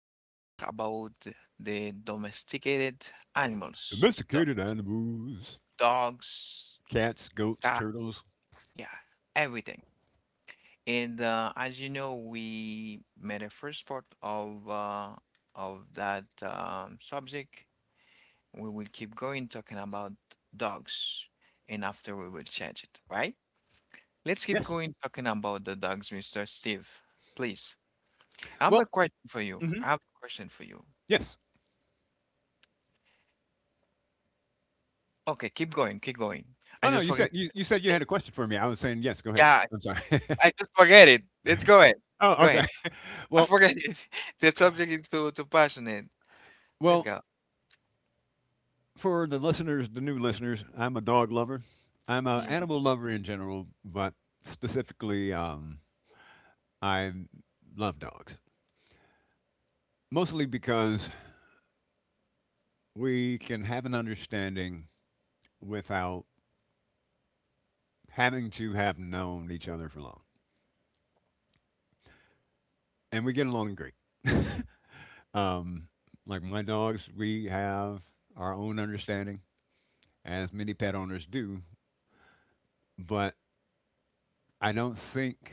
to talk about the domesticated animals, Domesticated dogs, animals: dogs, cats, goats, cat, turtles. yeah, everything. And as you know, we made a first part of that subject. We will keep going talking about dogs, and after we will change it, right? Let's keep Yes. going talking about the dogs, Mr. Steve, please. I have Well. a question for you. Hmm. I have a question for you. Yes. Okay, keep going, keep going. Oh I no, just you forget. said you said you had a question for me. I was saying yes. Go ahead. Yeah, I'm sorry. I just forget it. Let's go ahead. Oh, Go ahead. okay. I Well, forget it. The subject is too passionate. Let's well, go. for the listeners, the new listeners, I'm a dog lover. I'm an Yeah. animal lover in general, but specifically, I love dogs mostly because we can have an understanding without having to have known each other for long. And we get along great. um, like my dogs, we have our own understanding, as many pet owners do. But I don't think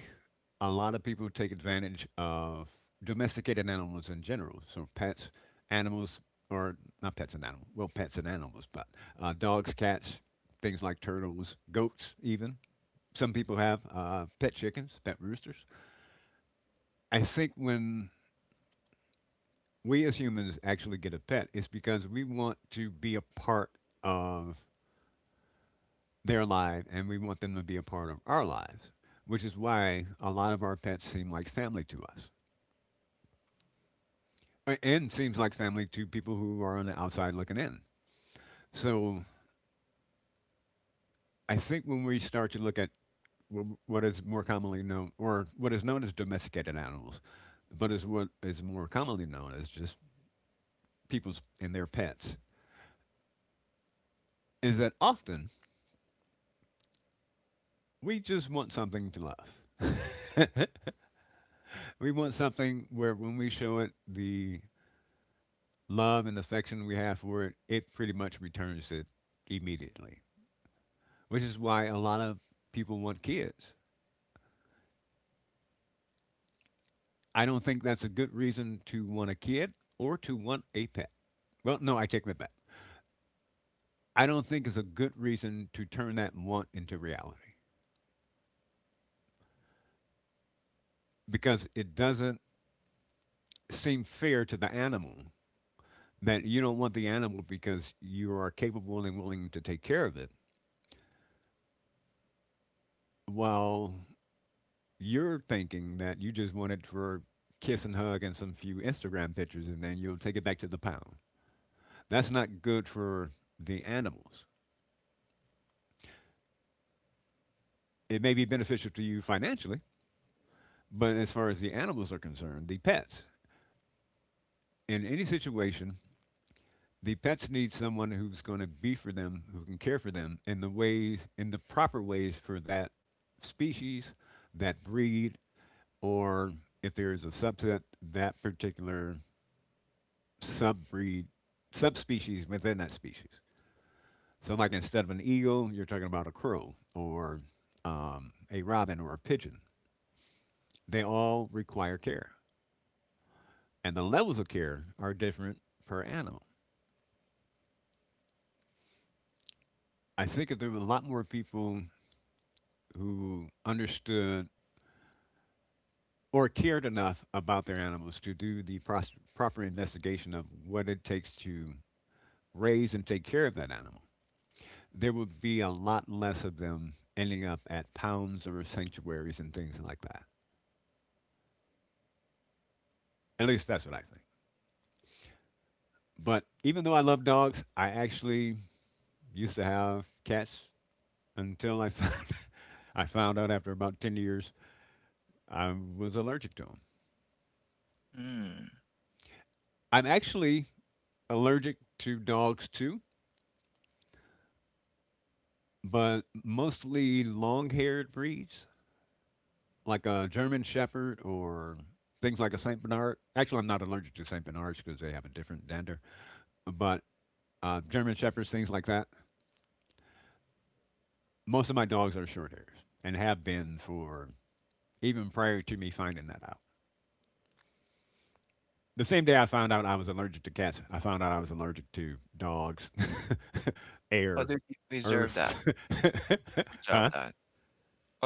a lot of people take advantage of domesticated animals in general. So pets, animals, or not pets and animals, well, pets and animals, but dogs, cats, things like turtles, goats, even. Some people have pet chickens, pet roosters. I think when we as humans actually get a pet is because we want to be a part of their life and we want them to be a part of our lives, which is why a lot of our pets seem like family to us. And seems like family to people who are on the outside looking in. So I think when we start to look at what is more commonly known or what is known as domesticated animals, but is what is more commonly known as just people's and their pets, is that often we just want something to love. We want something where when we show it the love and affection we have for it, it pretty much returns it immediately, which is why a lot of people want kids. I don't think that's a good reason to want a kid or to want a pet. Well, no, I take that back. I don't think it's a good reason to turn that want into reality because it doesn't seem fair to the animal that you don't want the animal because you are capable and willing to take care of it while you're thinking that you just want it for kiss and hug and some few Instagram pictures, and then you'll take it back to the pound. That's not good for the animals. It may be beneficial to you financially, but as far as the animals are concerned, the pets, in any situation, the pets need someone who's going to be for them, who can care for them in the ways, in the proper ways for that species, that breed, or if there is a subset, that particular subbreed, subspecies within that species. So, like instead of an eagle, you're talking about a crow or a robin or a pigeon. They all require care, and the levels of care are different per animal. I think if there were a lot more people who understood or cared enough about their animals to do the proper investigation of what it takes to raise and take care of that animal, there would be a lot less of them ending up at pounds or sanctuaries and things like that. At least that's what I think. But even though I love dogs, I actually used to have cats until I found, I found out after about 10 years I was allergic to them. Mm. I'm actually allergic to dogs too, but mostly long haired breeds like a German Shepherd or things like a St. Bernard. Actually, I'm not allergic to St. Bernards because they have a different dander, but German Shepherds, things like that. Most of my dogs are short hairs and have been for even prior to me finding that out. The same day I found out I was allergic to cats, I found out I was allergic to dogs, How air, did you resolve that? earth. Resolve Huh? that.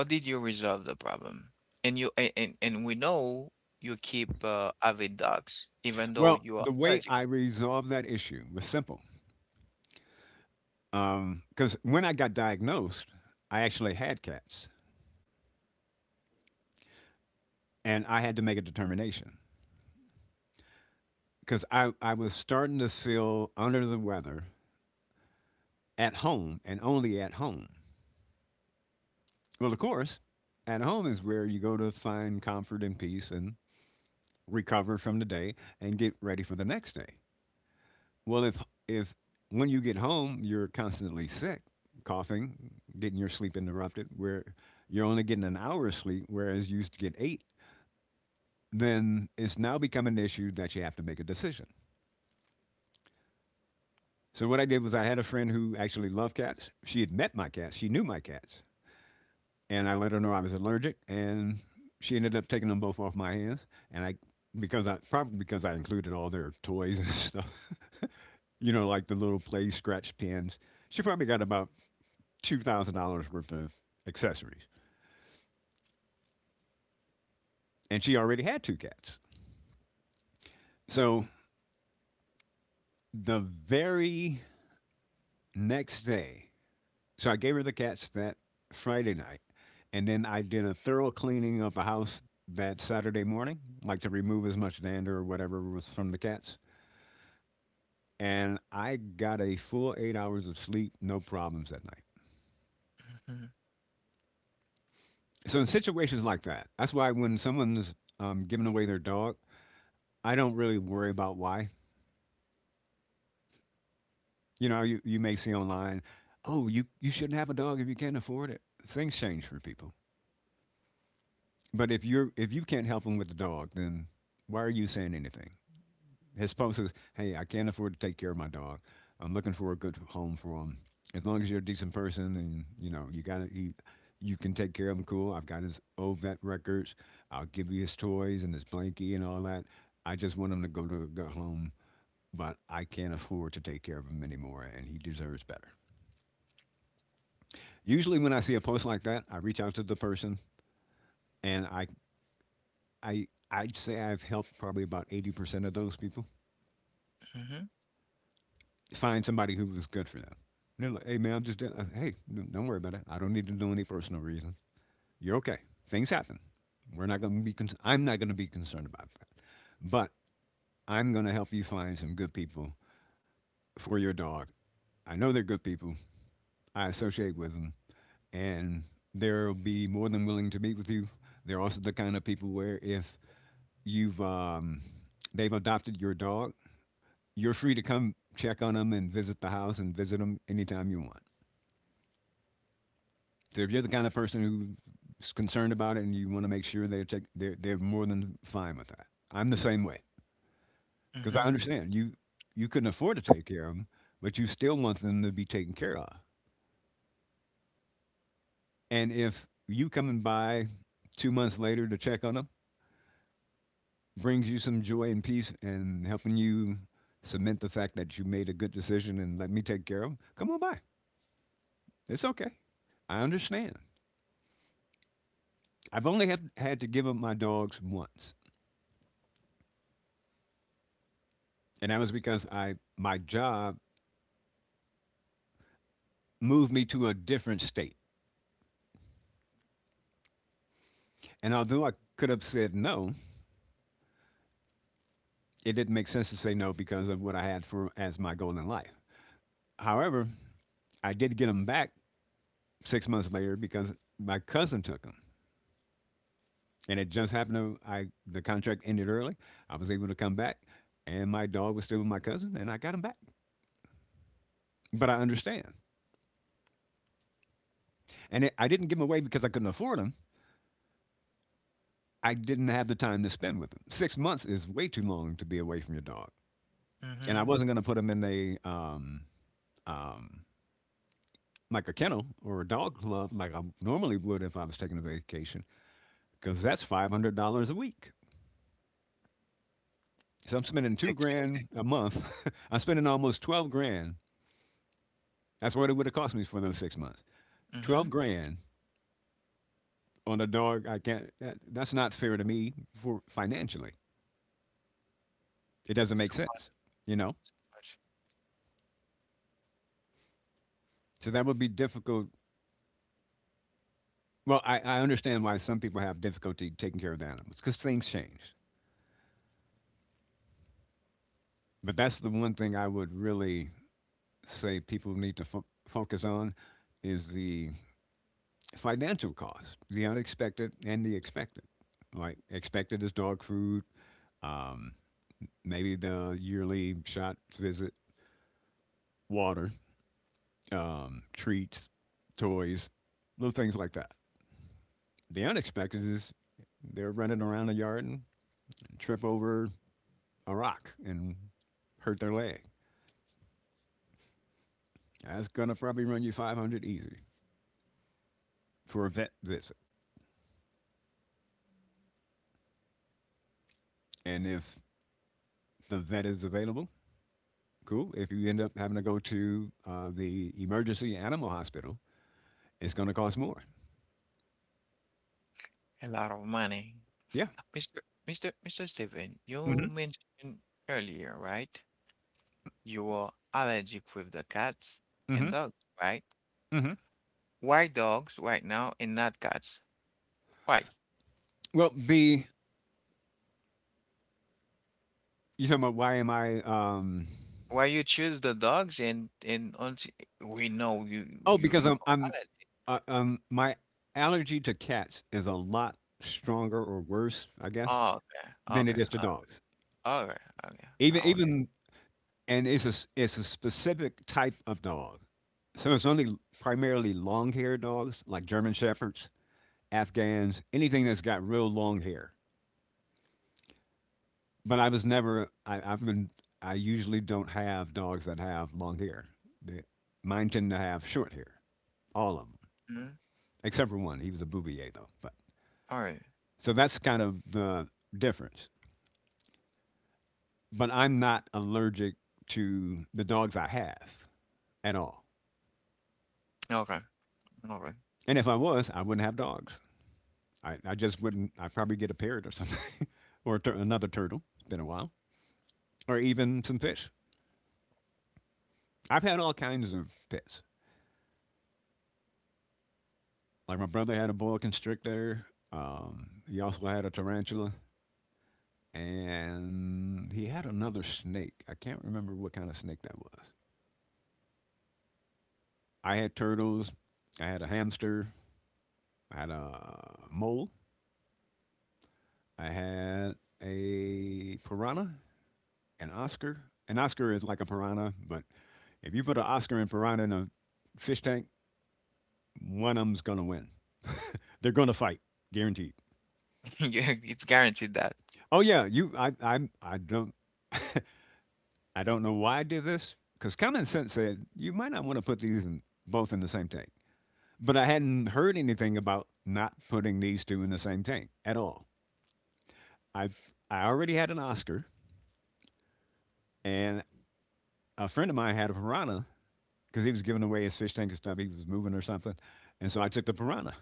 How did you resolve the problem? And we know you keep avid dogs, even though Well, you the are way allergic. I resolved that issue was simple. Because when I got diagnosed, I actually had cats and I had to make a determination because I was starting to feel under the weather at home and only at home. Well, of course, at home is where you go to find comfort and peace and recover from the day and get ready for the next day. Well, if when you get home you're constantly sick, coughing, getting your sleep interrupted, where you're only getting an hour of sleep whereas you used to get 8, then it's now become an issue that you have to make a decision. So what I did was I had a friend who actually loved cats. She had met my cats. She knew my cats. And I let her know I was allergic, and she ended up taking them both off my hands, and I because I probably because I included all their toys and stuff, you know, like the little play scratch pens. She probably got about $2,000 worth of accessories, and she already had two cats. So the very next day, so I gave her the cats that Friday night, and then I did a thorough cleaning of the house that Saturday morning, like to remove as much dander or whatever was from the cats. And I got a full 8 hours of sleep, no problems that night. Hmm. So in situations like that, that's why when someone's giving away their dog, I don't really worry about why. You know, you may see online, oh, you shouldn't have a dog if you can't afford it. Things change for people. But if you can't help them with the dog, then why are you saying anything? His spouse says, "Hey, I can't afford to take care of my dog. I'm looking for a good home for him. As long as you're a decent person and you know you can take care of him. Cool. I've got his old vet records. I'll give you his toys and his blankie and all that. I just want him to go to a good home, but I can't afford to take care of him anymore, and he deserves better." Usually, when I see a post like that, I reach out to the person and I'd say I've helped probably about 80% of those people Hmm. find somebody who was good for them. They're like, hey man, I'm just doing, hey, don't worry about it. I don't need to know any personal reason. You're okay. Things happen. We're not going to be. Con- I'm not going to be concerned about that. But I'm going to help you find some good people for your dog. I know they're good people. I associate with them, and they'll be more than willing to meet with you. They're also the kind of people where if you've they've adopted your dog, you're free to come check on them and visit the house and visit them anytime you want. So if you're the kind of person who's concerned about it and you want to make sure they're take, they're more than fine with that. I'm the same way because I Hmm. understand you couldn't afford to take care of them, but you still want them to be taken care of. And if you coming by 2 months later to check on them brings you some joy and peace and helping you cement the fact that you made a good decision and let me take care of them, come on by. It's okay. I understand. I've only had to give up my dogs once, and that was because I my job moved me to a different state. And although I could have said no, it didn't make sense to say no because of what I had for as my goal in life. However, I did get them back 6 months later because my cousin took them, and it just happened to I the contract ended early. I was able to come back, and my dog was still with my cousin, and I got him back. But I understand, and it, I didn't give them away because I couldn't afford them. I didn't have the time to spend with them. 6 months is way too long to be away from your dog, and I Hmm. wasn't going to put them in a um, like a kennel or a dog club like I normally would if I was taking a vacation because that's $500 a week. So I'm spending It's two expensive. grand a month. I'm spending almost 12 grand. That's what it would have cost me for those 6 months. Twelve Hmm. grand on a dog. I can't. That's not fair to me for financially. It doesn't It's make so sense. You know. much. So that would be difficult. Well, I understand why some people have difficulty taking care of the animals because things change. But that's the one thing I would really say people need to focus on is the financial cost, the unexpected and the expected. Right? Expected is dog food, um, maybe the yearly shot visit, water, treats, toys, little things like that. The unexpected is they're running around the yard and trip over a rock and hurt their leg. That's going to probably run you 500 easy for a vet visit. And if the vet is available, cool. If you end up having to go to the emergency animal hospital, it's going to cost more. A lot of money. Yeah. Mr. Mr. Mr. Stephen, Mm you hmm. mentioned earlier, right? You are allergic with the cats Mm hmm. and dogs, right? Mm hmm. Why dogs right now and not cats? Why? Well, the you talking about why am I? Why you choose the dogs and until we know you Oh, you because you I'm are I'm allergic. My allergy to cats is a lot stronger or worse, I guess, Oh, okay, than okay, it is to dogs. all right, okay. I. Even and it's a specific type of dog. So it's only primarily long-haired dogs like German shepherds, Afghans, anything that's got real long hair. But I was never. I've been. I usually don't have dogs that have long hair. They, mine tend to have short hair, all of them Hmm. except for one. He was a Bouvier though. But All right. so that's kind of the difference. But I'm not allergic to the dogs I have at all. Okay. All right. And if I was, I wouldn't have dogs. I just wouldn't. I'd probably get a parrot or something, or another turtle. It's been a while, or even some fish. I've had all kinds of pets. Like my brother had a boa constrictor. He also had a tarantula, and he had another snake. I can't remember what kind of snake that was. I had turtles. I had a hamster. I had a mole. I had a piranha, an Oscar. An Oscar is like a piranha, but if you put an Oscar and piranha in a fish tank, one of them's gonna win. They're gonna fight, guaranteed. Yeah, it's guaranteed that. Oh yeah, you. I don't. I don't know why I did this because common sense said you might not want to put these in, both in the same tank. But I hadn't heard anything about not putting these two in the same tank at all. I I already had an Oscar, and a friend of mine had a piranha because he was giving away his fish tank and stuff. He was moving or something, and so I took the piranha.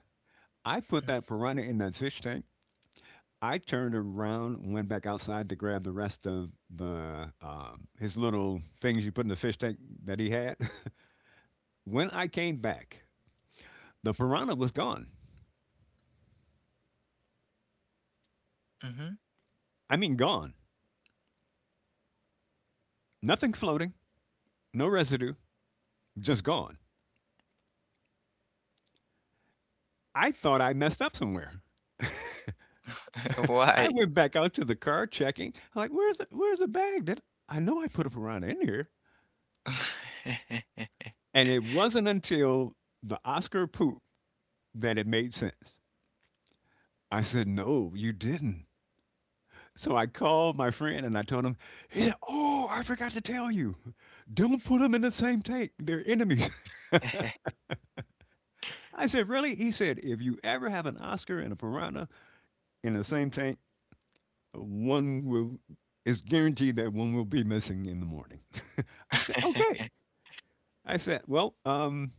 I put that piranha in that fish tank. I turned around and went back outside to grab the rest of the his little things you put in the fish tank that he had. When I came back, the piranha was gone. Hmm. I mean, gone. Nothing floating, no residue, just gone. I thought I messed up somewhere. I Why? went back out to the car checking. I'm like, where's the bag that I know I put a piranha in here? And it wasn't until the Oscar poop that it made sense. I said, no, you didn't. So I called my friend and I told him, he said, oh, I forgot to tell you. Don't put them in the same tank. They're enemies. I said, really? He said, if you ever have an Oscar and a piranha in the same tank, one will is guaranteed that one will be missing in the morning. I said, okay. I said, well,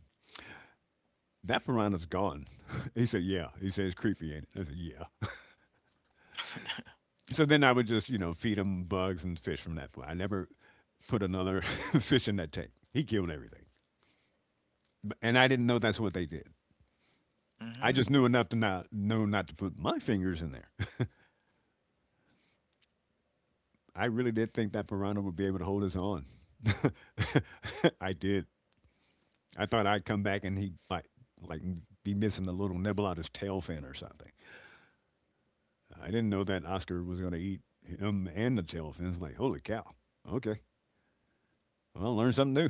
that piranha's gone. He said, yeah. He said, it's creepy, ain't it? I said, yeah. So then I would just, feed him bugs and fish from that point. I never put another fish in that tank. He killed everything. And I didn't know that's what they did. I Hmm. just knew enough to not know not to put my fingers in there. I really did think that piranha would be able to hold us on. I did. I thought I'd come back and he might like be missing a little nibble out his tail fin or something. I didn't know that Oscar was going to eat him and the tail fins. Like, holy cow! Okay, well, learn something new.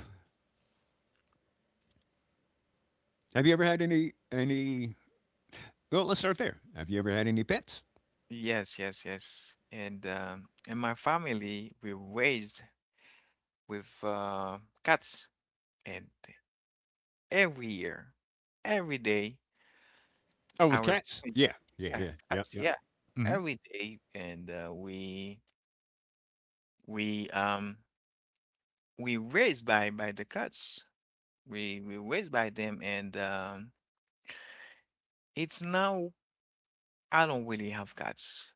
Have you ever had any? Well, let's start there. Have you ever had any pets? Yes, yes, yes. And in my family, we raised with cats, and every year, every day. Oh, with Our cats? Yeah, points yeah, yeah. affect Yep, us, yep. yeah, Mm-hmm. every day, and we um we raised by the cats. We raised by them, and it's now I don't really have cats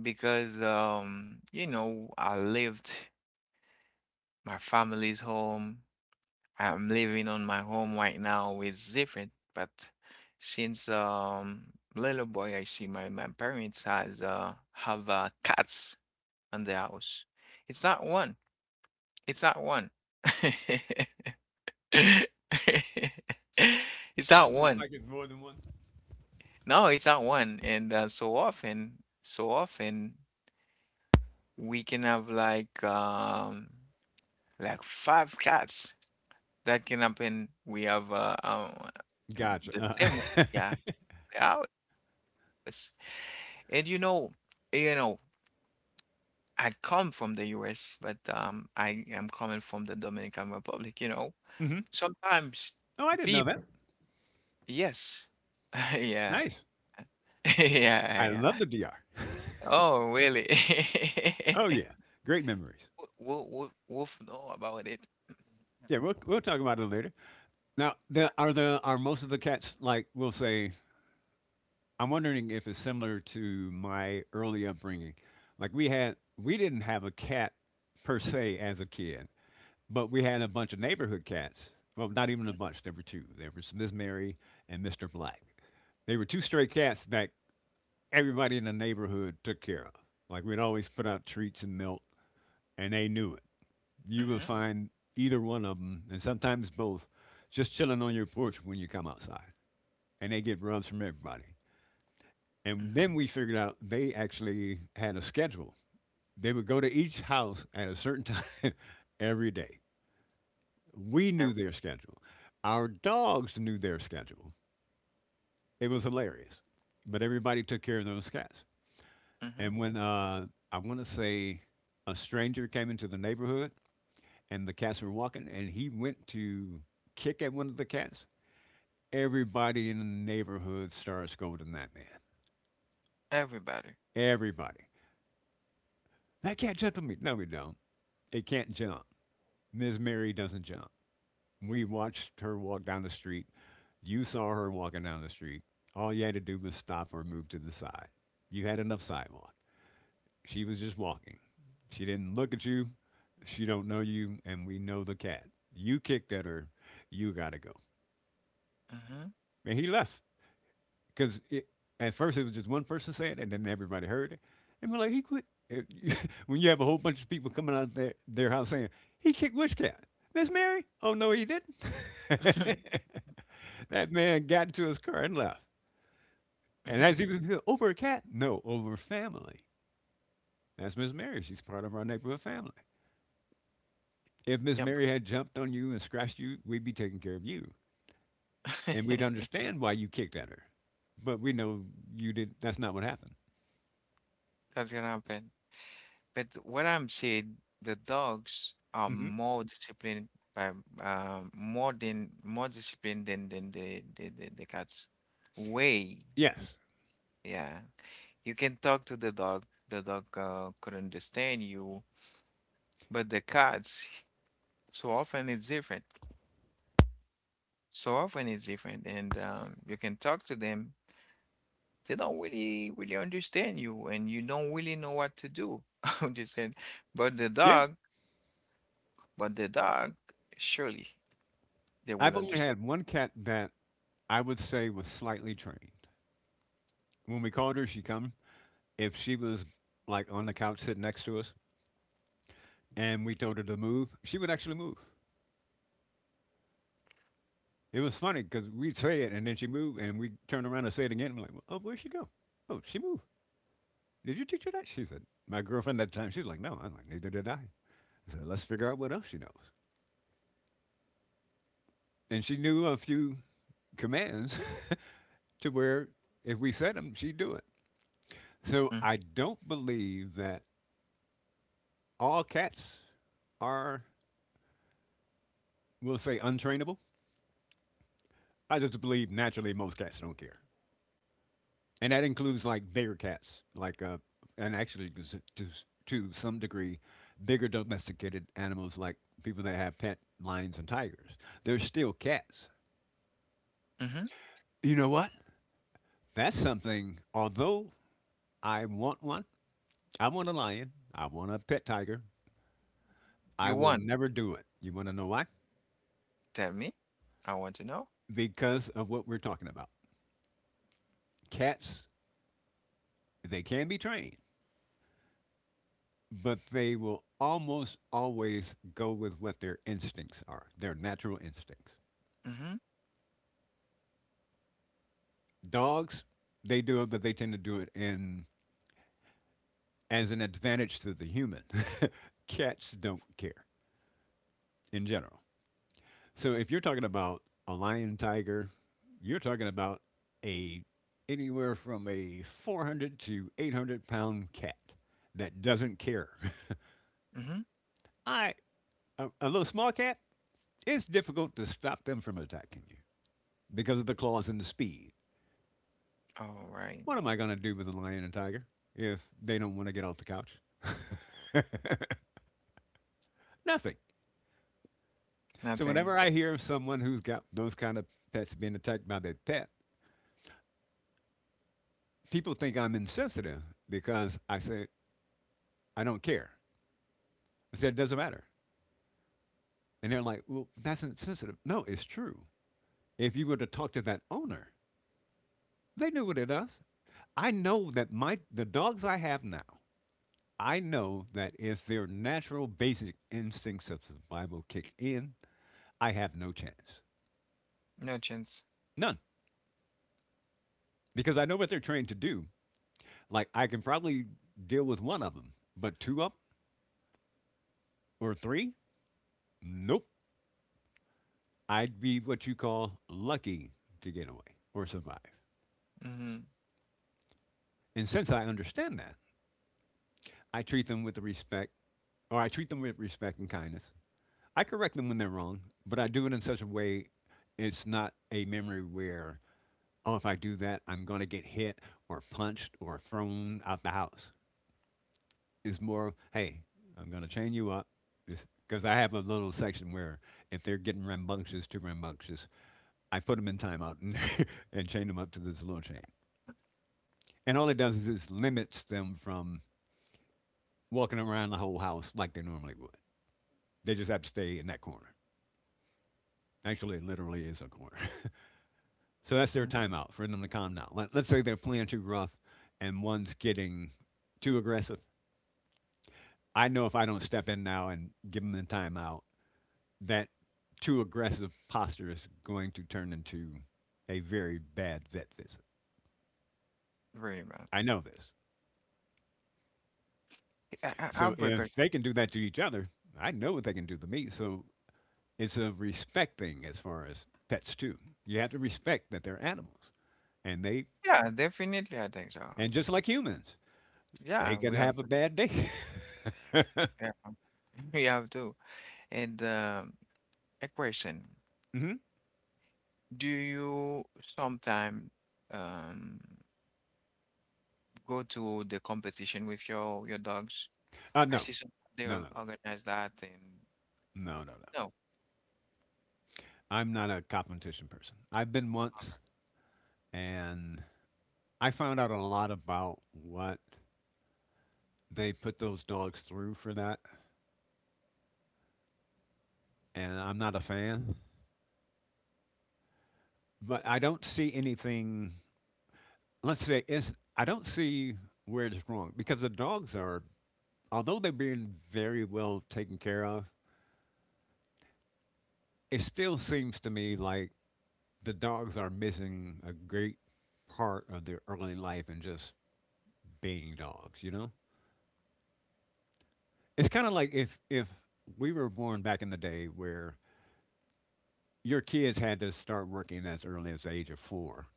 because you know I lived my family's home. I'm living on my home right now. It's different, but since little boy, I see my parents has have cats. And the house. It's that one. It's that one. It's that Like it's one. like it's more than one. No, it's that one. And so often, we can have like five cats. That can happen. We have Gotcha. the Uh, same way, yeah, the house. And you know, I come from the US, but I am coming from the Dominican Republic. hmm. Sometimes Oh, I didn't know people. that. Yes. Yeah. Nice. Yeah, I love yeah. the DR. Oh, really? Oh yeah, great memories. We'll know about it. Yeah, we'll talk about it later. Now, the are most of the cats, like, we'll say? I'm wondering if it's similar to my early upbringing. Like we didn't have a cat per se as a kid, but we had a bunch of neighborhood cats. Well, not even a bunch. There were two. There was Miss Mary and Mister Black. They were two stray cats that everybody in the neighborhood took care of. Like we'd always put out treats and milk, and they knew it. You would Mm-hmm, find either one of them, and sometimes both, just chilling on your porch when you come outside. And they get runs from everybody. And mm-hmm, then we figured out they actually had a schedule. They would go to each house at a certain time every day. We knew their schedule. Our dogs knew their schedule. It was hilarious. But everybody took care of those cats. mm-hmm. And when I want to say a stranger came into the neighborhood and the cats were walking and he went to kick at one of the cats, everybody in the neighborhood started scolding that man. Everybody. Everybody. That cat jumped on me. No, we don't. It can't jump. Ms. Mary doesn't jump. We watched her walk down the street. You saw her walking down the street. All you had to do was stop or move to the side. You had enough sidewalk. She was just walking. She didn't look at you. She don't know you, and we know the cat. You kicked at her. You gotta go. Mm-hmm. And he left. Because at first it was just one person saying it, and then everybody heard it, and we're like, he quit. If when you have a whole bunch of people coming out their house saying he kicked which cat, Miss Mary? Oh no, he didn't. That man got into his car and left. And as he was over a cat, no, over family. That's Miss Mary. She's part of our neighborhood family. If Miss Yeah, but Mary had jumped on you and scratched you, we'd be taking care of you, and we'd understand why you kicked at her. But we know you did. That's not what happened. that's gonna happen. But what I'm saying, the dogs are Hmm. more disciplined by more disciplined than the cats. Way, Yes. yeah. You can talk to the dog. The dog could understand you, but the cats, so often it's different. So often it's different, and you can talk to them. They don't really, really understand you, and you don't really know what to do. Understand? But the Yeah. dog, but the dog, surely they will I've only understand. had one cat that I would say was slightly trained. When we called her, she come. If she was like on the couch sitting next to us and we told her to move, she would actually move. It was funny because we'd say it and then she moved and we'd turn around and say it again. And we're like, oh, where'd she go? Oh, she moved. Did you teach her that? She said, my girlfriend at the time, she's like, no. I'm like, neither did I. I said, let's figure out what else she knows. And she knew a few commands to where if we said them, she'd do it. So Mm-hmm. I don't believe that all cats are, we'll say, untrainable. I just believe naturally most cats don't care, and that includes like bigger cats, like and actually to to some degree, bigger domesticated animals like people that have pet lions and tigers. They're still cats. Hmm. You know what? That's something. Although I want one, I want a lion, I want a pet tiger. I You will want? never do it. You want to know why? Tell me. I want to know. Because of what we're talking about. Cats, they can be trained. But they will almost always go with what their instincts are, their natural instincts. Mm-hmm. Dogs, they do it, but they tend to do it in as an advantage to the human. Cats don't care in general. So if you're talking about a lion tiger, you're talking about a anywhere from a 400 to 800 pound cat that doesn't care. Mm-hmm. I a little small cat, it's difficult to stop them from attacking you because of the claws and the speed. All right. What am I going to do with a lion and tiger if they don't want to get off the couch? Nothing. So whenever Nothing. I hear of someone who's got those kind of pets being attacked by their pet, people think I'm insensitive because I say I don't care. I said it doesn't matter, and they're like, "Well, that's insensitive." No, it's true. If you were to talk to that owner, they knew what it does. I know that my the dogs I have now, I know that if their natural basic instincts of survival kick in, I have no chance. No chance. None, because I know what they're trained to do. Like I can probably deal with one of them, but two of 'em or three, nope. I'd be what you call lucky to get away or survive. Mm-hmm. And since I understand that, I treat them with respect, or I treat them with respect and kindness. I correct them when they're wrong, but I do it in such a way it's not a memory where, oh, if I do that, I'm going to get hit or punched or thrown out the house. Is more, hey, I'm going to chain you up. Because I have a little section where if they're getting rambunctious, too rambunctious, I put them in timeout and, and chain them up to this little chain. And all it does is it limits them from walking around the whole house like they normally would. They just have to stay in that corner. Actually, it literally is a corner. So that's their timeout for them to calm down. Let's say they're playing too rough and one's getting too aggressive. I know if I don't step in now and give them the timeout, that too aggressive posture is going to turn into a very bad vet visit. Very bad. I know this. I So have. if they can do that to each other, I know what they can do to me. So it's a respect thing as far as pets too. You have to respect that they're animals, and they Yeah, definitely, I think so. and just like humans, Yeah, they we can have have a to. bad day. Yeah, we have to. And a question: hmm do you sometime um go to the competition with your dogs? Uh, I no, see some they no, or- no, no, organize that and no, no, no. no, I'm not a competition person. I've been once, and I found out a lot about what they put those dogs through for that, and I'm not a fan. But I don't see anything. Let's say it's, I don't see where it's wrong because the dogs are, although they're being very well taken care of, it still seems to me like the dogs are missing a great part of their early life and just being dogs. You know, it's kind of like if we were born back in the day where your kids had to start working as early as the age of four.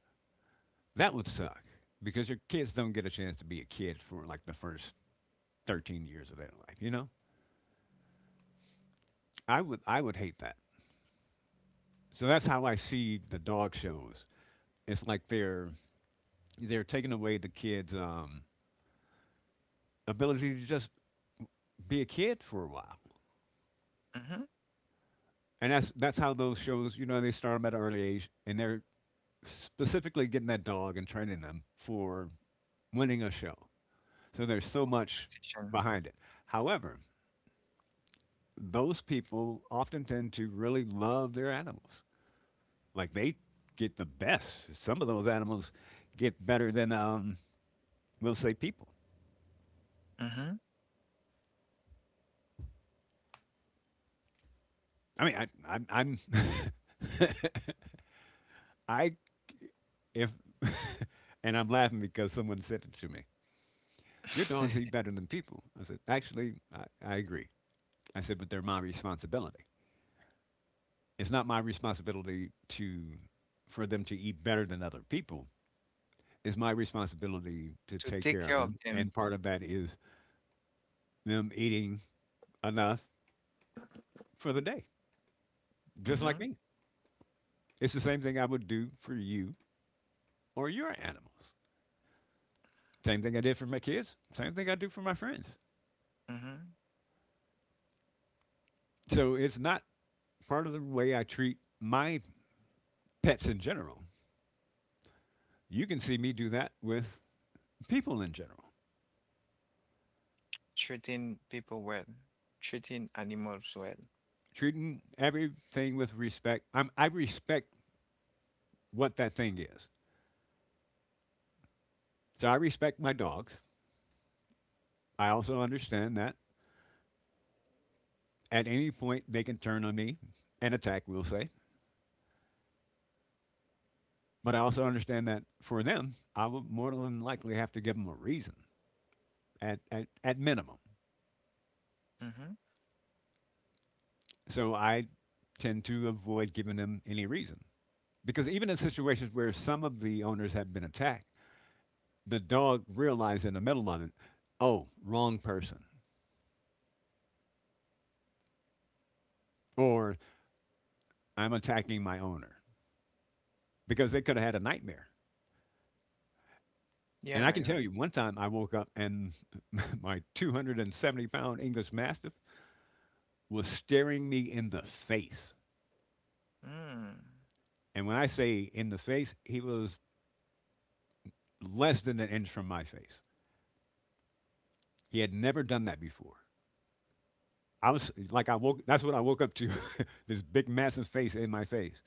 That would suck because your kids don't get a chance to be a kid for like the first 13 years of their life, you know? I would hate that. So that's how I see the dog shows. It's like they're taking away the kids ability to just be a kid for a while. mm-hmm. And that's how those shows, you know, they start them at an early age and they're specifically getting that dog and training them for winning a show. So there's so much Competition, behind it. However, those people often tend to really love their animals. Like they get the best. Some of those animals get better than we'll say people. mm-hmm. I mean, I'm I if, and I'm laughing because someone said it to me. Your dogs eat better than people. I said, actually, I agree. I said, but they're my responsibility. It's not my responsibility to for them to eat better than other people. It's my responsibility to To take take care of care of them, and them, part of that is them eating enough for the day, just like mm-hmm. me. It's the same thing I would do for you or your animals. Same thing I did for my kids, same thing I do for my friends. Mm-hmm. So it's not part of the way I treat my pets in general. You can see me do that with people in general, Treating people well, treating animals well, treating everything with respect. I respect what that thing is. So I respect my dogs. I also understand that at any point they can turn on me and attack, we'll say. But I also understand that for them, I would more than likely have to give them a reason at minimum. mm-hmm. So I tend to avoid giving them any reason. Because even in situations where some of the owners have been attacked, the dog realized in the middle of it, oh, wrong person, or I'm attacking my owner, because they could have had a nightmare. And I can Yeah, tell you, one time I woke up and my 270-pound English Mastiff was staring me in the face. yeah. Mm. And when I say in the face, he was less than an inch from my face. He had never done that before. I was like, I woke, that's what I woke up to this big, massive face in my face.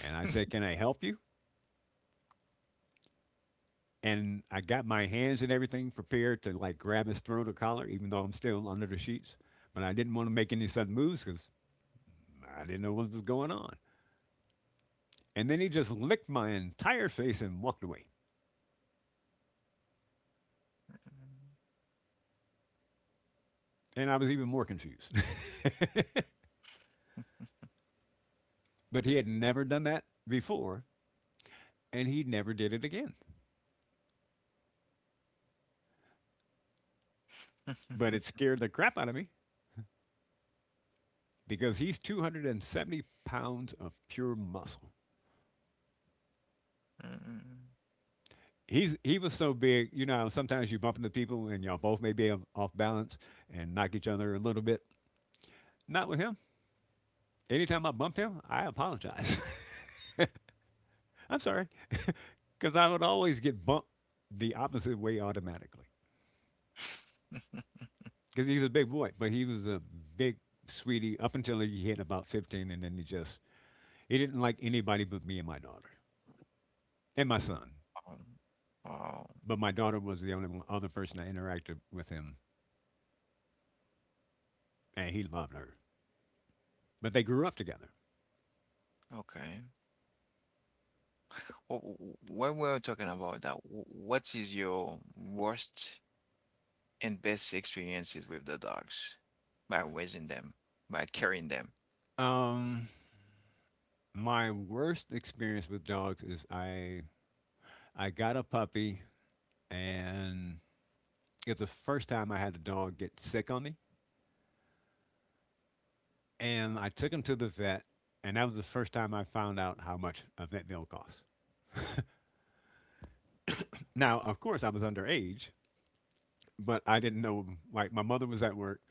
And I said, can I help you? And I got my hands and everything prepared to like grab his throat or collar, even though I'm still under the sheets. But I didn't want to make any sudden moves because I didn't know what was going on. And then he just licked my entire face and walked away. And I was even more confused. But he had never done that before, and he never did it again. But it scared the crap out of me because he's 270 pounds of pure muscle. Mm. He was so big, you know. Sometimes you bump into people and y'all both may be off balance and knock each other a little bit. Not with him. Anytime I bumped him, I apologize. I'm sorry, because I would always get bumped the opposite way automatically. Because he's a big boy, but he was a big sweetie up until he hit about 15, and then he just he didn't like anybody but me and my daughter and my son. Um, Wow. But my daughter was the only one, other person I interacted with him, and he loved her. But they grew up together. Okay. When we were talking about that, what is your worst and best experiences with the dogs by raising them, by carrying them? Um, my worst experience with dogs is I got a puppy, and it's the first time I had a dog get sick on me, and I took him to the vet, and that was the first time I found out how much a vet bill costs. Now, of course, I was underage, but I didn't know. Like my mother was at work,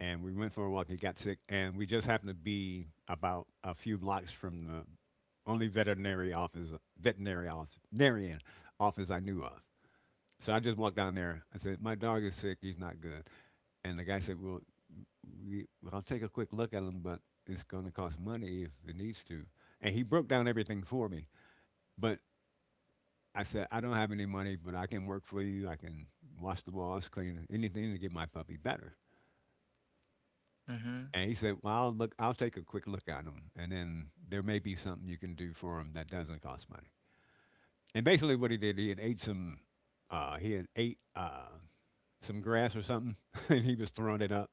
and we went for a walk. He got sick, and we just happened to be about a few blocks from the only veterinary office, veterinarian office I knew of. So I just walked down there. I said, "My dog is sick. He's not good." And the guy said, "Well, we, well, I'll take a quick look at him, but it's going to cost money if it needs to." And he broke down everything for me. But I said, "I don't have any money, but I can work for you. I can wash the walls, clean anything to get my puppy better." Mm-hmm. And he said, "Well, I'll look. I'll take a quick look at him, and then there may be something you can do for him that doesn't cost money." And basically, what he did, he had ate some, he had ate some grass or something, and he was throwing it up.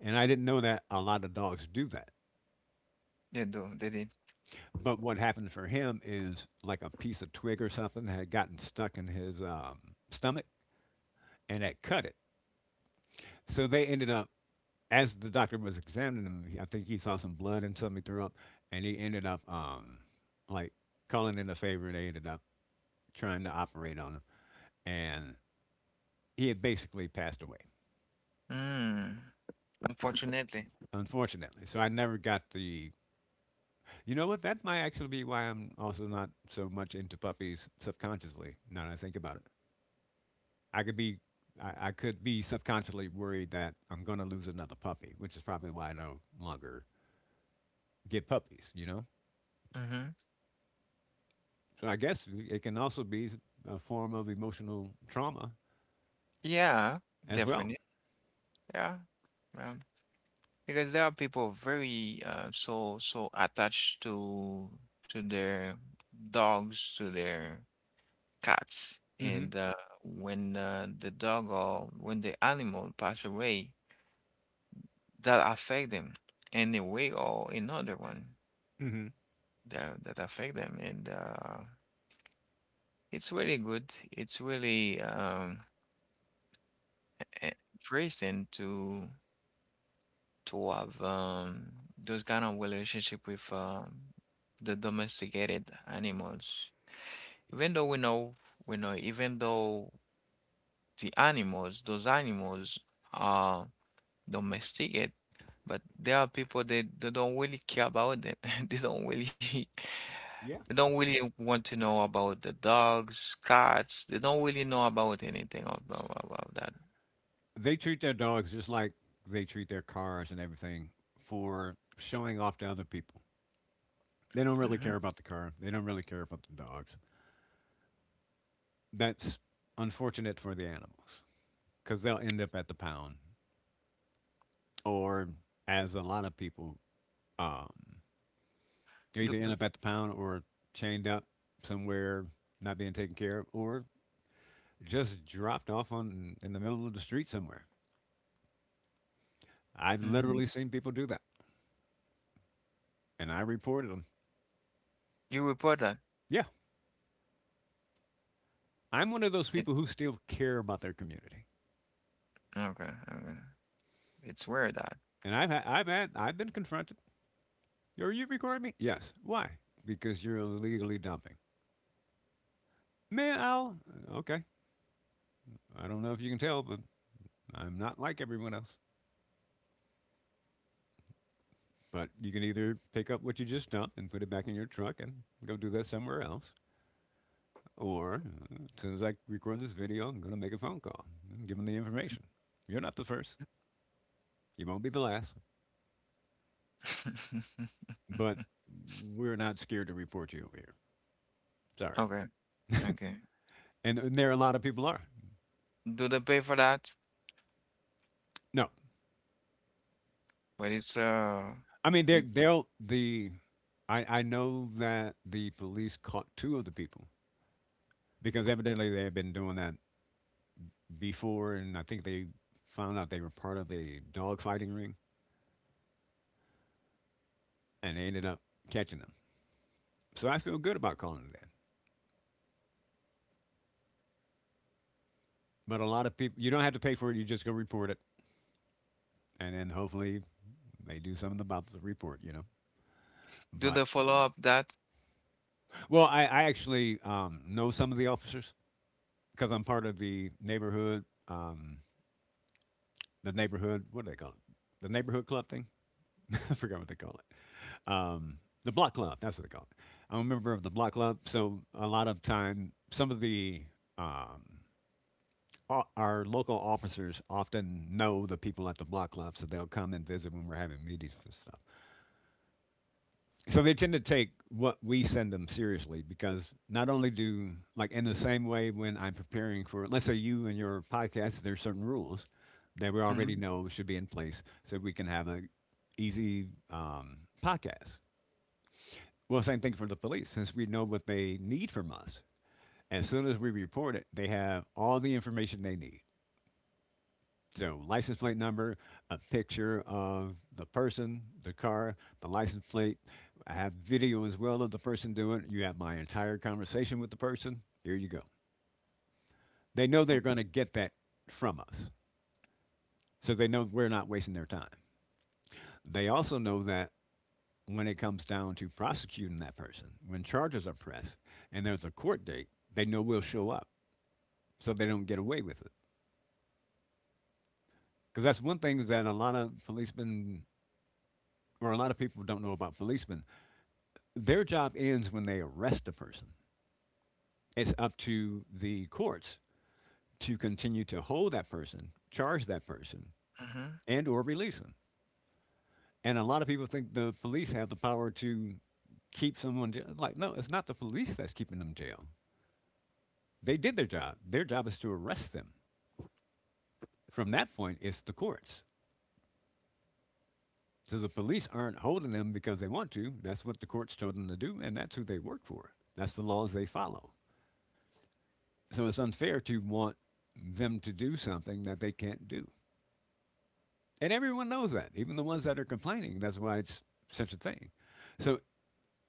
And I didn't know that a lot of dogs do that. They do. They did. But what happened for him is like a piece of twig or something had gotten stuck in his stomach, and that cut it. So they ended up, as the doctor was examining him, I think he saw some blood and something he threw up, and he ended up like calling in a favor, and they ended up trying to operate on him, and he had basically passed away. Mm. Unfortunately. Unfortunately. So I never got the. You know what? That might actually be why I'm also not so much into puppies subconsciously. Now that I think about it, I could be, I could be subconsciously worried that I'm going to lose another puppy, which is probably why I no longer get puppies. You know. Mm-hmm. So I guess it can also be a form of emotional trauma Yeah, as well. definitely. Yeah. Um, because there are people very so attached to their dogs, to their cats. Hmm And when the dog or when the animal pass away, that affect them in a way or another one hmm that affect them. And it's really good. It's really interesting to have those kind of relationship with the domesticated animals. Even though we know, even though those animals are domesticated, but there are people they don't really care about them. They don't really Yeah. they don't really want to know about the dogs, cats. They don't really know about anything about that. They treat their dogs just like they treat their cars and everything for showing off to other people. They don't really Hmm. care about the car. They don't really care about the dogs. That's unfortunate for the animals because they'll end up at the pound, or as a lot of people, um, they Do, either do, end up at the pound or chained up somewhere, not being taken care of, or just dropped off on in the middle of the street somewhere. I've mhm. literally seen people do that, and I reported them. You report that? Yeah, I'm one of those It, people who still care about their community, okay, okay. It's weird that. and I've been confronted. Are you recording me? Yes. Why? Because you're illegally dumping. Man, I'll. Okay. I don't know if you can tell, but I'm not like everyone else. But you can either pick up what you just dumped and put it back in your truck and go do that somewhere else. Or as soon as I record this video, I'm going to make a phone call and give them the information. You're not the first. You won't be the last. But we're not scared to report you over here. Sorry. Okay, okay. And there are a lot of people are. Do they pay for that? No, But it's I mean, they're, it they'll the. I know that the police caught two of the people because evidently they had been doing that before, and I think they found out they were part of a dog fighting ring, and they ended up catching them. So I feel good about calling it that. But a lot of people, you don't have to pay for it. You just go report it, and then hopefully they do something about the report. Do But they follow up that? Well, I actually know some of the officers because I'm part of the neighborhood, the neighborhood, what do they call it, the neighborhood club thing. I forgot what they call it. The block club. That's what they call it. I'm a member of the block club, so a lot of time, some of the um, our local officers often know the people at the block club, so they'll come and visit when we're having meetings and stuff. So they tend to take what we send them seriously, because not only do, like, in the same way when I'm preparing for, let's say, you and your podcast, there's certain rules that we already Hmm. know should be in place so we can have a easy, podcast. Well, same thing for the police, since we know what they need from us. As soon as we report it, they have all the information they need. So, license plate number, a picture of the person, the car, the license plate. I have video as well of the person doing it. You have my entire conversation with the person. Here you go. They know they're going to get that from us. So they know we're not wasting their time. They also know that when it comes down to prosecuting that person, when charges are pressed and there's a court date, they know we'll show up, so they don't get away with it. Because that's one thing that a lot of policemen, or a lot of people, don't know about policemen. Their job ends when they arrest a person. It's up to the courts to continue to hold that person, charge that person, Hmm. and or release them. And a lot of people think the police have the power to keep someone jail. Like, no, it's not the police that's keeping them jail. They did their job. Their job is to arrest them. From that point, it's the courts. So the police aren't holding them because they want to. That's what the courts told them to do, and that's who they work for. That's the laws they follow. So it's unfair to want them to do something that they can't do. And everyone knows that, even the ones that are complaining. That's why it's such a thing. So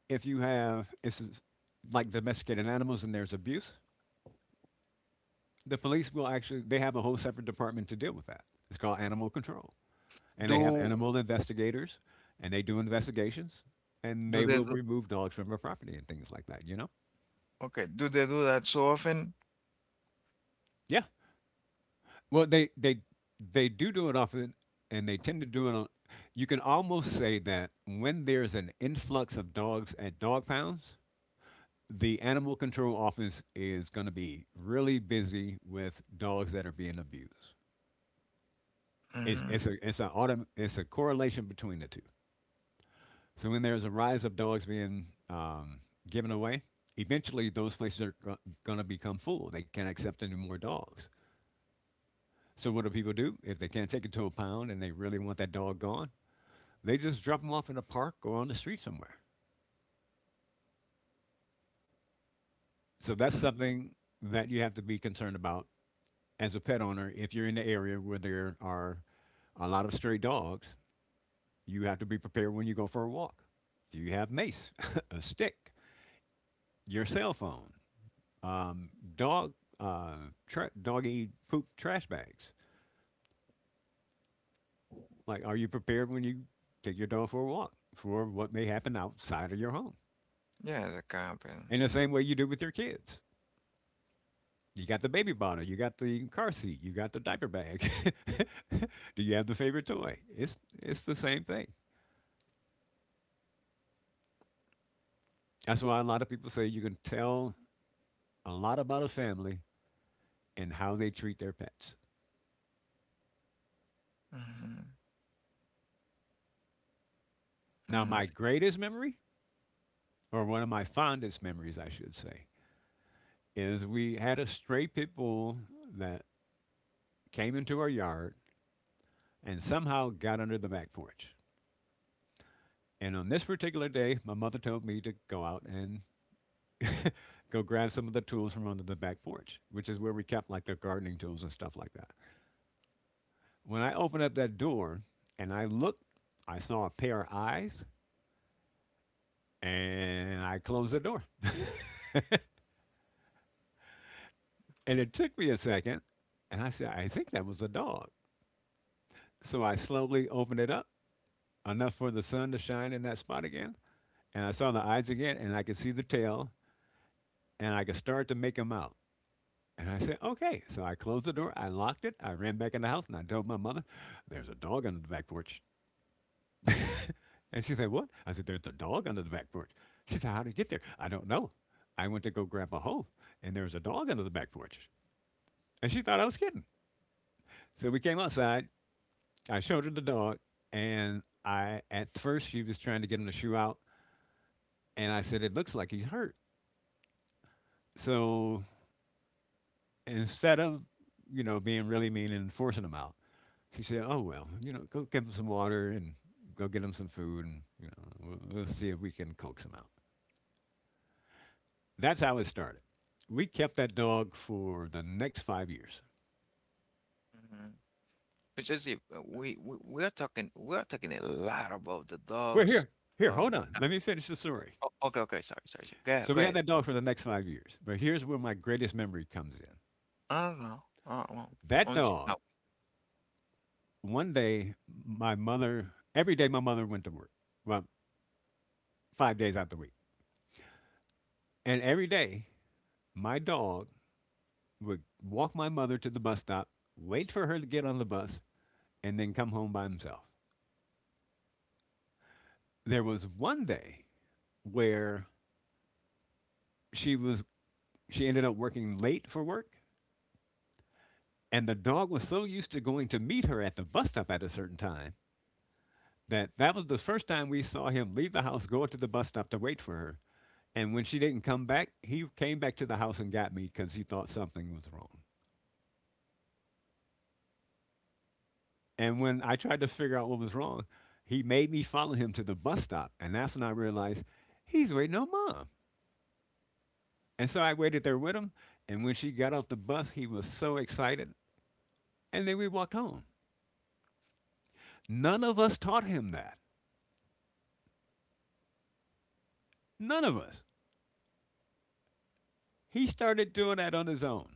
if you have, it's like domesticated animals and there's abuse, the police will actually, they have a whole separate department to deal with that. It's called animal control, and they have Do animal investigators, and they do investigations, and do they they will do, remove dogs from a property and things like that. You know? okay? Do they do that so often? Yeah. Well, they they do do it often, and they tend to do it on. You can almost say that when there's an influx of dogs at dog pounds, the animal control office is going to be really busy with dogs that are being abused. It's it's Mm-hmm. a it's a autom- it's a correlation between the two. So when there's a rise of dogs being, given away, eventually those places are going to become full. They can't accept any more dogs. So what do people do if they can't take it to a pound and they really want that dog gone? They just drop them off in a park or on the street somewhere. So that's Mm. something that you have to be concerned about as a pet owner. If you're in the area where there are a lot of stray dogs, you have to be prepared when you go for a walk. Do you have mace, a stick, your cell phone? um, Dog uh, doggy poop trash bags. Like, are you prepared when you take your dog for a walk for what may happen outside of your home? Yeah, that can happen. In the same way you do with your kids. You got the baby bottle, you got the car seat, you got the diaper bag. Do you have the favorite toy? It's the same thing. That's why a lot of people say you can tell a lot about a family and how they treat their pets. Hmm. Now, Hmm. my greatest memory, or one of my fondest memories, I should say, is we had a stray pit bull that came into our yard and somehow got under the back porch. And on this particular day, my mother told me to go out and go grab some of the tools from under the back porch, which is where we kept like the gardening tools and stuff like that. When I opened up that door and I looked, I saw a pair of eyes and I closed the door. And it took me a second and I said, I think that was a dog. So I slowly opened it up enough for the sun to shine in that spot again. And I saw the eyes again, and I could see the tail, and I could start to make them out. And I said, okay. So I closed the door, I locked it, I ran back in the house, and I told my mother, there's a dog under the back porch. And she said, what? I said, there's a dog under the back porch. She said, how did it get there? I don't know. I went to go grab a hoe, and there was a dog under the back porch. And she thought I was kidding. So we came outside, I showed her the dog, and I, at first, she was trying to get him to shoe out. And I said, it looks like he's hurt. So instead of, you know, being really mean and forcing them out, she said, "Oh well, you know, go give them some water and go get them some food, and you know, we'll see if we can coax them out." That's how it started. We kept that dog for the next 5 years. Hmm. But just if we are talking a lot about the We're dogs. here, here, hold Um. on. uh, Let me finish the story. okay. Okay. Sorry. Sorry. Sorry. Go So ahead. Go we had ahead. that dog for the next 5 years. But here's where my greatest memory comes in. I don't know. I don't know. That On to dog. now. One day, my mother. Every day, my mother went to work. Well, 5 days out the week, and every day, my dog would walk my mother to the bus stop, wait for her to get on the bus, and then come home by himself. There was one day where she was she ended up working late for work, and the dog was so used to going to meet her at the bus stop at a certain time that that was the first time we saw him leave the house, go to the bus stop to wait for her. And when she didn't come back, he came back to the house and got me because he thought something was wrong. And when I tried to figure out what was wrong, he made me follow him to the bus stop. And that's when I realized he's waiting on mom. And so I waited there with him. And when she got off the bus, he was so excited. And then we walked home. None of us taught him that. None of us. He started doing that on his own.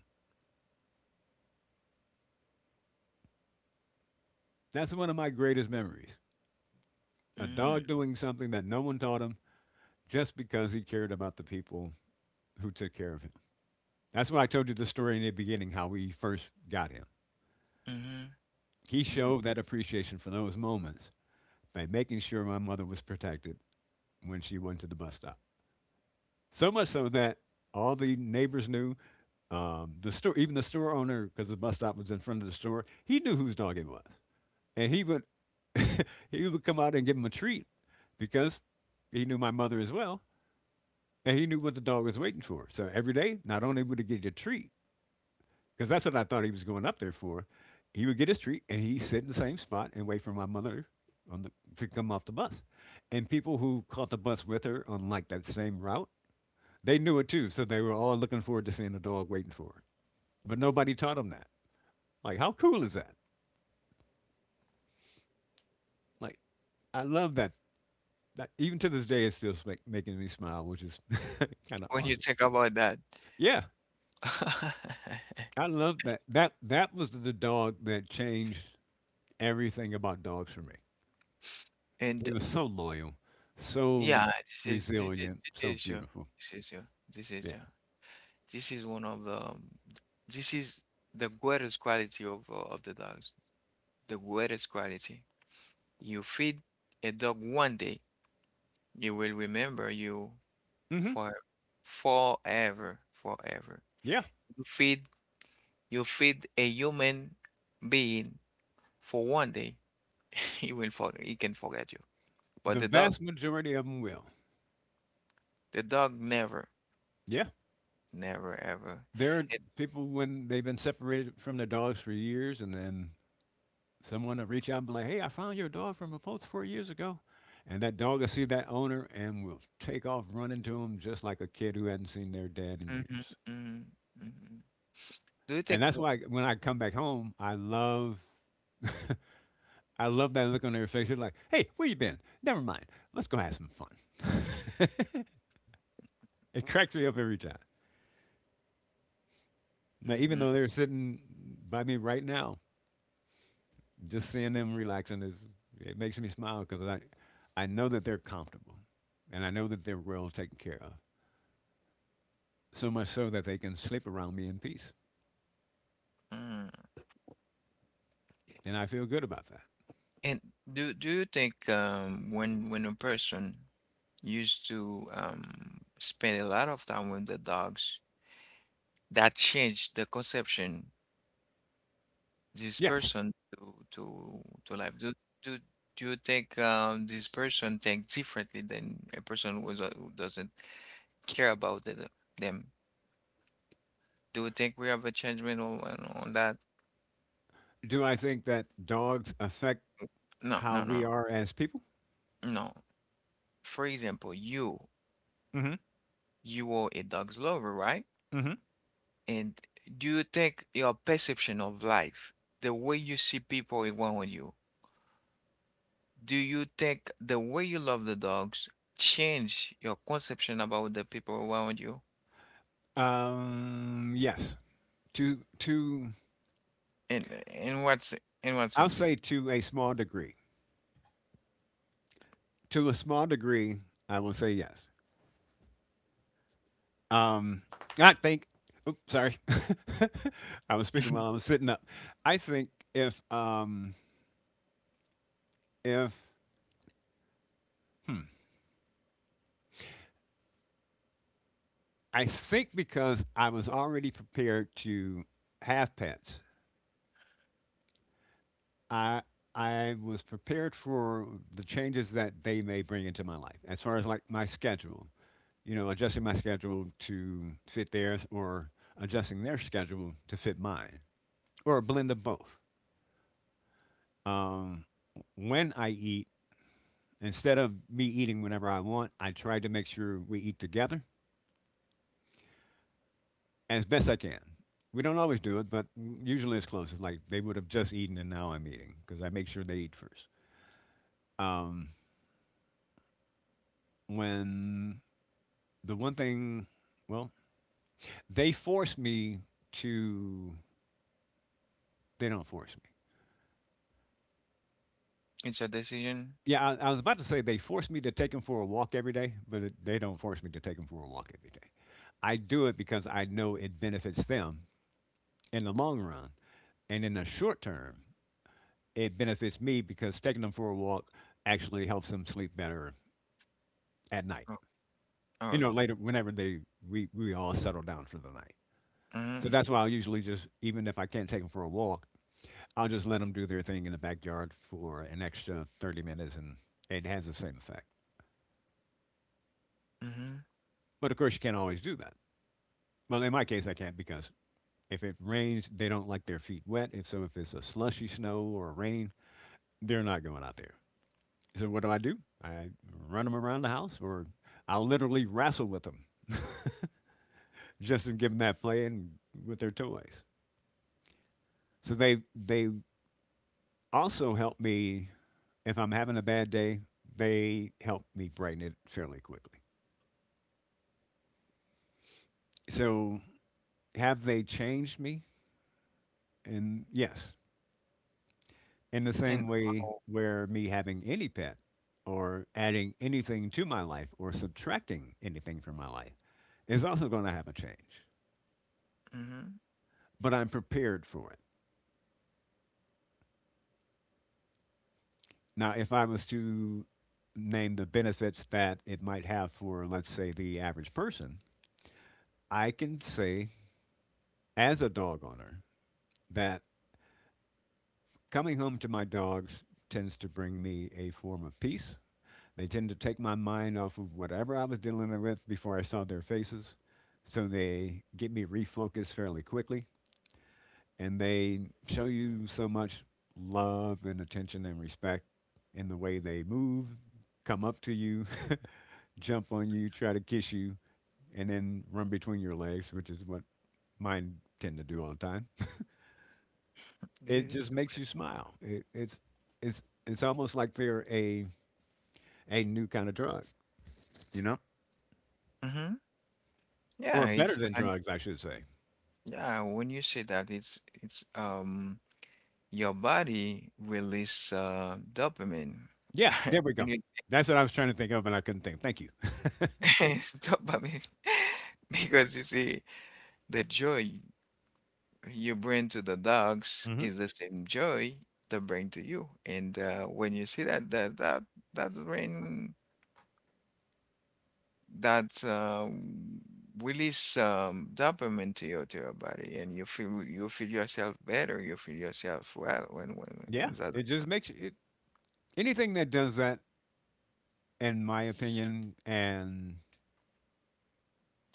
That's one of my greatest memories. A Mm, dog doing something that no one taught him, just because he cared about the people who took care of him. That's why I told you the story in the beginning, how we first got him. mhm, He mhm. showed that appreciation for those moments by making sure my mother was protected when she went to the bus stop. So much so that all the neighbors knew. The store, even the store owner, because the bus stop was in front of the store, he knew whose dog it was, and he would he would come out and give him a treat, because he knew my mother as well, and he knew what the dog was waiting for. So every day, not only would he get a treat, because that's what I thought he was going up there for. He would get his treat and he'd sit in the same spot and wait for my mother on the, to come off the bus. And people who caught the bus with her on like that same route, they knew it too. So they were all looking forward to seeing the dog waiting for her. But nobody taught them that. Like, how cool is that? Like, I love that. That even to this day, it's still making me smile, which is kind of When you awesome. think about that, Yeah, I love that. That was the dog that changed everything about dogs for me. and He was so loyal, so yeah, resilient, this so is your beautiful. this is your this is Yeah. your this is one of the um, this is the greatest quality of the dogs. The greatest quality. You feed a dog one day, it will remember you hmm for forever, forever. Yeah. You Feed you feed a human being for one day, he can forget you. But The the dog, vast majority of them will. the dog never, Yeah. never ever. There are It, people when they've been separated from their dogs for years, and then someone will reach out and be like, hey, I found your dog from a post 4 years ago. And that dog will see that owner and will take off running to him just like a kid who hadn't seen their dad in Mhm, years. mm, mhm. Do you And think? that's why when I come back home, I love I love that look on their face. They're like, hey, where you been? Never mind. Let's go have some fun. It cracks me up every time. Now, even Mhm, though they're sitting by me right now, just seeing them relaxing is, it makes me smile because I know that they're comfortable, and I know that they're well taken care of. So much so that they can sleep around me in peace, mm. and I feel good about that. And do you think when a person used to spend a lot of time with the dogs? That changed the conception this Yes. person to life, do do you think this person think differently than a person who's, who doesn't care about them, do you think we have a judgment on, on that? Do I think that dogs affect No, how no, we no, are as people? no. For example, you Mm-hmm. you are a dog's lover, right? Mm-hmm. And do you think your perception of life, the way you see people around you? Do you think the way you love the dogs change your conception about the people around you? Yes. To In what I'll sense? say to a small degree. To a small degree, I will say yes. Um, I think. Oops, sorry. I was speaking Mhm. while I was sitting up. I think if I think because I was already prepared to have pets, I I was prepared for the changes that they may bring into my life as far as like my schedule, you know, adjusting my schedule to fit theirs, or adjusting their schedule to fit mine, or a blend of both. Um, when I eat, instead of me eating whenever I want, I try to make sure we eat together as best I can. We don't always do it, but usually it's close. It's like they would have just eaten and now I'm eating because I make sure they eat first. Um, when the one thing, well, they force me to, they don't force me. It's a decision. Yeah, I was about to say they force me to take them for a walk every day, but they don't force me to take them for a walk every day. I do it because I know it benefits them in the long run. And in the short term, it benefits me because taking them for a walk actually helps them sleep better at night. Oh, You okay. know, later, whenever we all settle down for the night. So Mm-hmm. that's why I'll usually just, even if I can't take them for a walk, I'll just let them do their thing in the backyard for an extra 30 minutes and it has the same effect. Mm-hmm. But of course, you can't always do that. Well, in my case, I can't because if it rains, they don't like their feet wet. If it's a slushy snow or rain, they're not going out there. So what do? I run them around the house, or I'll literally wrestle with them just to give them that playing with their toys. So they also help me if I'm having a bad day. They help me brighten it fairly quickly. So have they changed me? And Yes, in the And same way oh, where me having any pet or adding anything to my life or subtracting anything from my life is also going to have a change. mm-hmm. But I'm prepared for it. Now, if I was to name the benefits that it might have for, let's say, the average person, I can say as a dog owner that coming home to my dogs tends to bring me a form of peace. They tend to take my mind off of whatever I was dealing with before I saw their faces. So they get me refocused fairly quickly. And they show you so much love and attention and respect in the way they move, come up to you, jump on you, try to kiss you, and then run between your legs, which is what mine tend to do all the time. This It is, just makes you smile. It, it's almost like they're a new kind of drug, you know. mm-hmm. Yeah, Or better it's than like drugs, I should say. yeah, when you say that it's your body release dopamine. Yeah, there we When go. you That's what I was trying to think of, and I couldn't think. Thank you. dopamine. Because you see the joy you bring to the dogs hmm is the same joy they bring to you. And when you see that's bring that release dopamine to your body, and you feel yourself better. You feel yourself well when Yeah, that it just makes you- it, anything that does that, in my opinion, and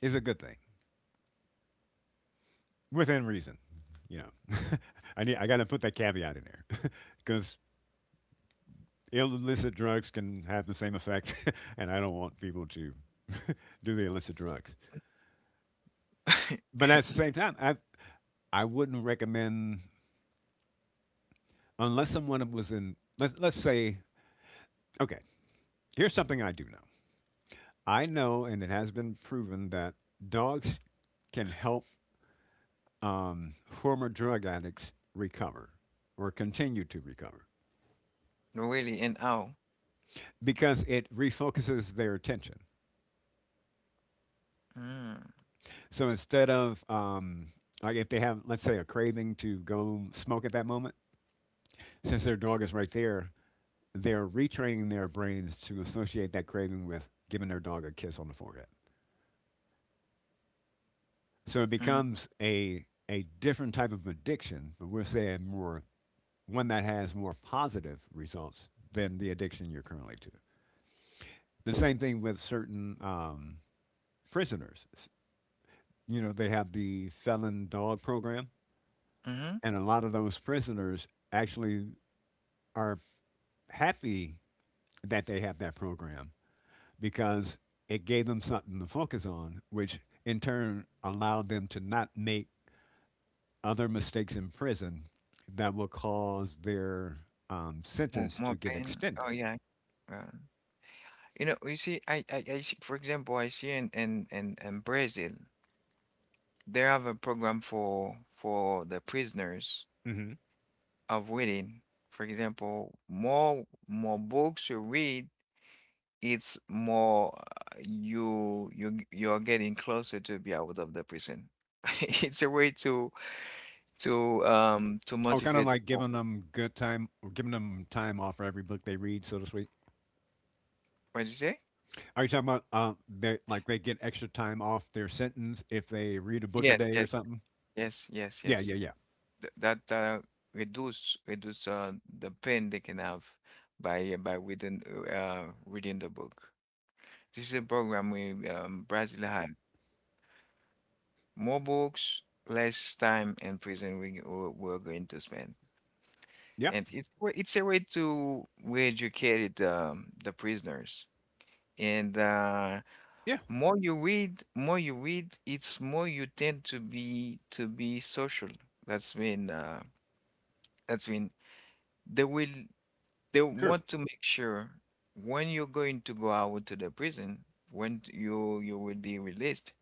is a good thing within reason. You know, I got to put that caveat in there because illicit drugs can have the same effect, and I don't want people to do the illicit drugs. But at the same time, I wouldn't recommend unless someone was in, let's say, okay. Here's something I do know. I know, and it has been proven that dogs can help former drug addicts recover or continue to recover really, and oh. because it refocuses their attention. Mm, So instead of like if they have, let's say, a craving to go smoke at that moment, since their dog is right there, they're retraining their brains to associate that craving with giving their dog a kiss on the forehead. So it mm, becomes a different type of addiction, but we're saying more, one that has more positive results than the addiction you're currently to. The same thing with certain prisoners. You know, they have the felon dog program, mm-hmm. and a lot of those prisoners actually are happy that they have that program because it gave them something to focus on, which in turn allowed them to not make other mistakes in prison that will cause their More, sentence more to get pain. Oh extended. yeah. Uh, you know, you see, I see, for example, I see in Brazil. They have a program for the prisoners Hmm of reading. For example, more books you read, it's more you're getting closer to be out of the prison. It's a way to Or kind of motivate like people. giving them good time, or giving them time off for every book they read, so to speak. What did you say? Are you talking about they, like they get extra time off their sentence if they read a book a Yes, day or yes, something? yes, yes, Yeah, yes. yeah, yeah, Th that reduce the pain they can have by reading the book. This is a program we Brazil has. More books, less time in prison we're going to spend. yeah, And it's a way to re-educate the prisoners. And yeah. More you read, it's more you tend to be social. That's when uh, that's when they will they True. want to make sure when you're going to go out to the prison, when you will be released,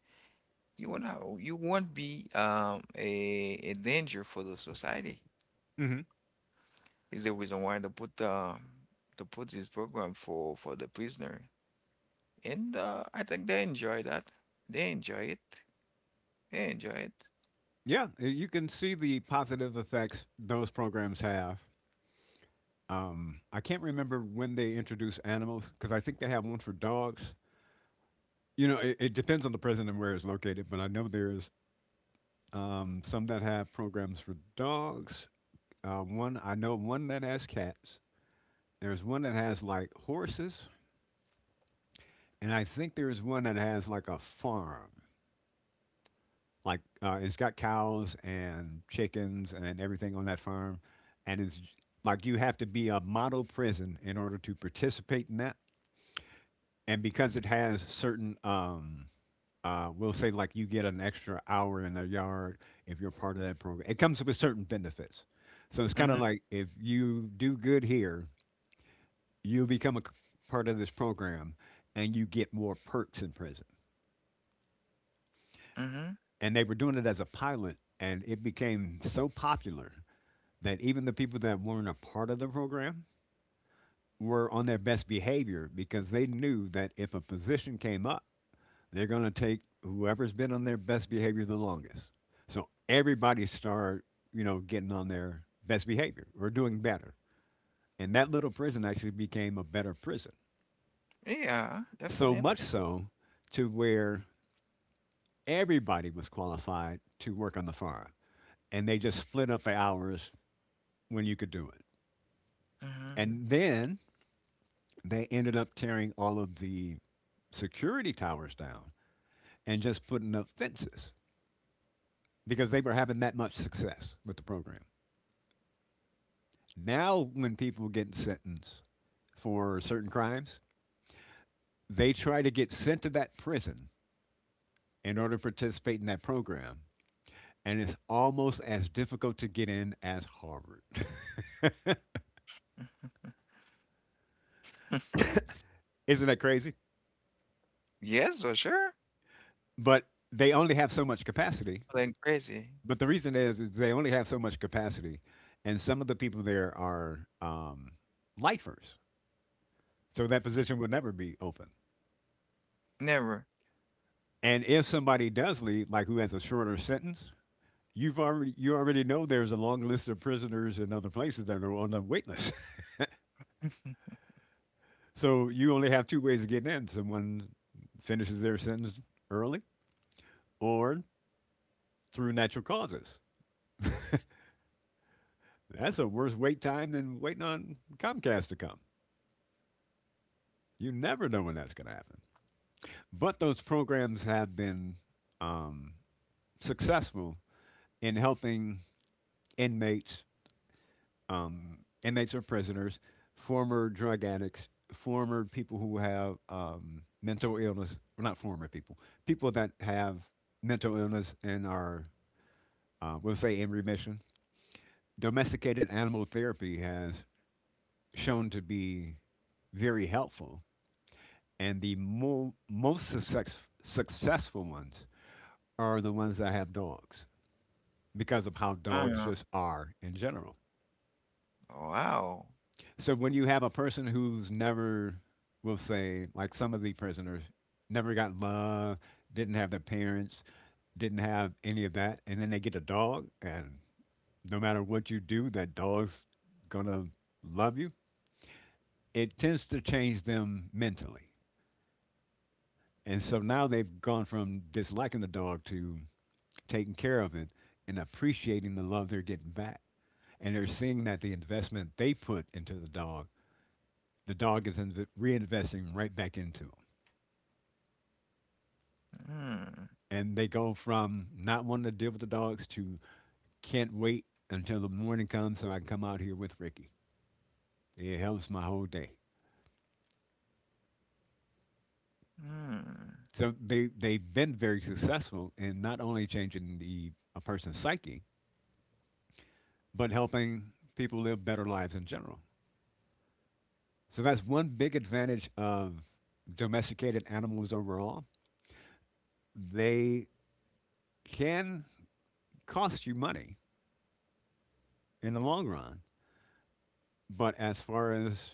you will not. You won't be a danger for the society. Hmm Is the reason why they put the to put this program for the prisoner, and I think they enjoy that. They enjoy it. They enjoy it. Yeah, you can see the positive effects those programs have. I can't remember when they introduced animals because I think they have one for dogs. You know, it depends on the president and where it's located, but I know there's some that have programs for dogs. One I know one that has cats. There's one that has like horses, and I think there's one that has like a farm. Like it's got cows and chickens and everything on that farm, and like you have to be a model prison in order to participate in that. And because it has certain we'll say, like you get an extra hour in their yard if you're part of that program. It comes with certain benefits. So it's kind Mm-hmm. of like if you do good here, you become part of this program and you get more perks in prison. Mm-hmm. And they were doing it as a pilot, and it became so popular that even the people that weren't a part of the program were on their best behavior because they knew that if a position came up, they're going to take whoever's been on their best behavior the longest. So everybody start, you know, getting on their best behavior or doing better. And that little prison actually became a better prison. Yeah, So much definitely. so to where everybody was qualified to work on the farm. And they just split up the hours when you could do it. Mm-hmm. And then they ended up tearing all of the security towers down and just putting up fences because they were having that much success with the program. Now, when people get sentenced for certain crimes, they try to get sent to that prison in order to participate in that program. And it's almost as difficult to get in as Harvard. Isn't that crazy? Yes, for sure. But they only have so much capacity. Then crazy. But the reason is they only have so much capacity. And some of the people there are lifers. So that position will never be open. Never. And if somebody does leave, like who has a shorter sentence, you already know there's a long list of prisoners in other places that are on the wait list. So you only have two ways of getting in. Someone finishes their sentence early or through natural causes. That's a worse wait time than waiting on Comcast to come. You never know when that's going to happen. But those programs have been um, successful in helping inmates, um, inmates or prisoners, former drug addicts, former people who have mental illness, well, not former people, people that have mental illness and are, we'll say, in remission. Domesticated animal therapy has shown to be very helpful, and the successful ones are the ones that have dogs because of how dogs Uh, just are in general. wow. So when you have a person who's never, we'll say, like some of the prisoners, never got love, didn't have their parents, didn't have any of that, and then they get a dog, and no matter what you do, that dog's gonna love you. It tends to change them mentally, and so now they've gone from disliking the dog to taking care of it and appreciating the love they're getting back, and they're seeing that the investment they put into the dog is reinvesting right back into it. Mm, And they go from not wanting to deal with the dogs to, can't wait until the morning comes so I can come out here with Ricky. It helps my whole day. mm. So they've been very successful in not only changing the a person's psyche, but helping people live better lives in general. So that's one big advantage of domesticated animals overall. They can cost you money in the long run, but as far as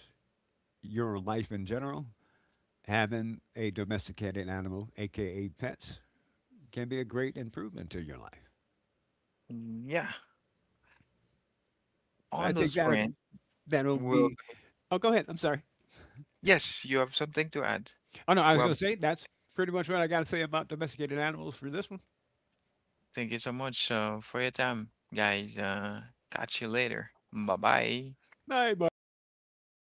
your life in general, having a domesticated animal, aka pets, can be a great improvement to your life. Yeah. So I On think those that friends. that'll Well, be. Oh, go ahead. I'm sorry. yes, you have something to add. Oh no, I was going Well, to say that's pretty much what I got to say about domesticated animals for this one. thank you so much for your time, guys. Catch you later. Bye bye. Bye bye.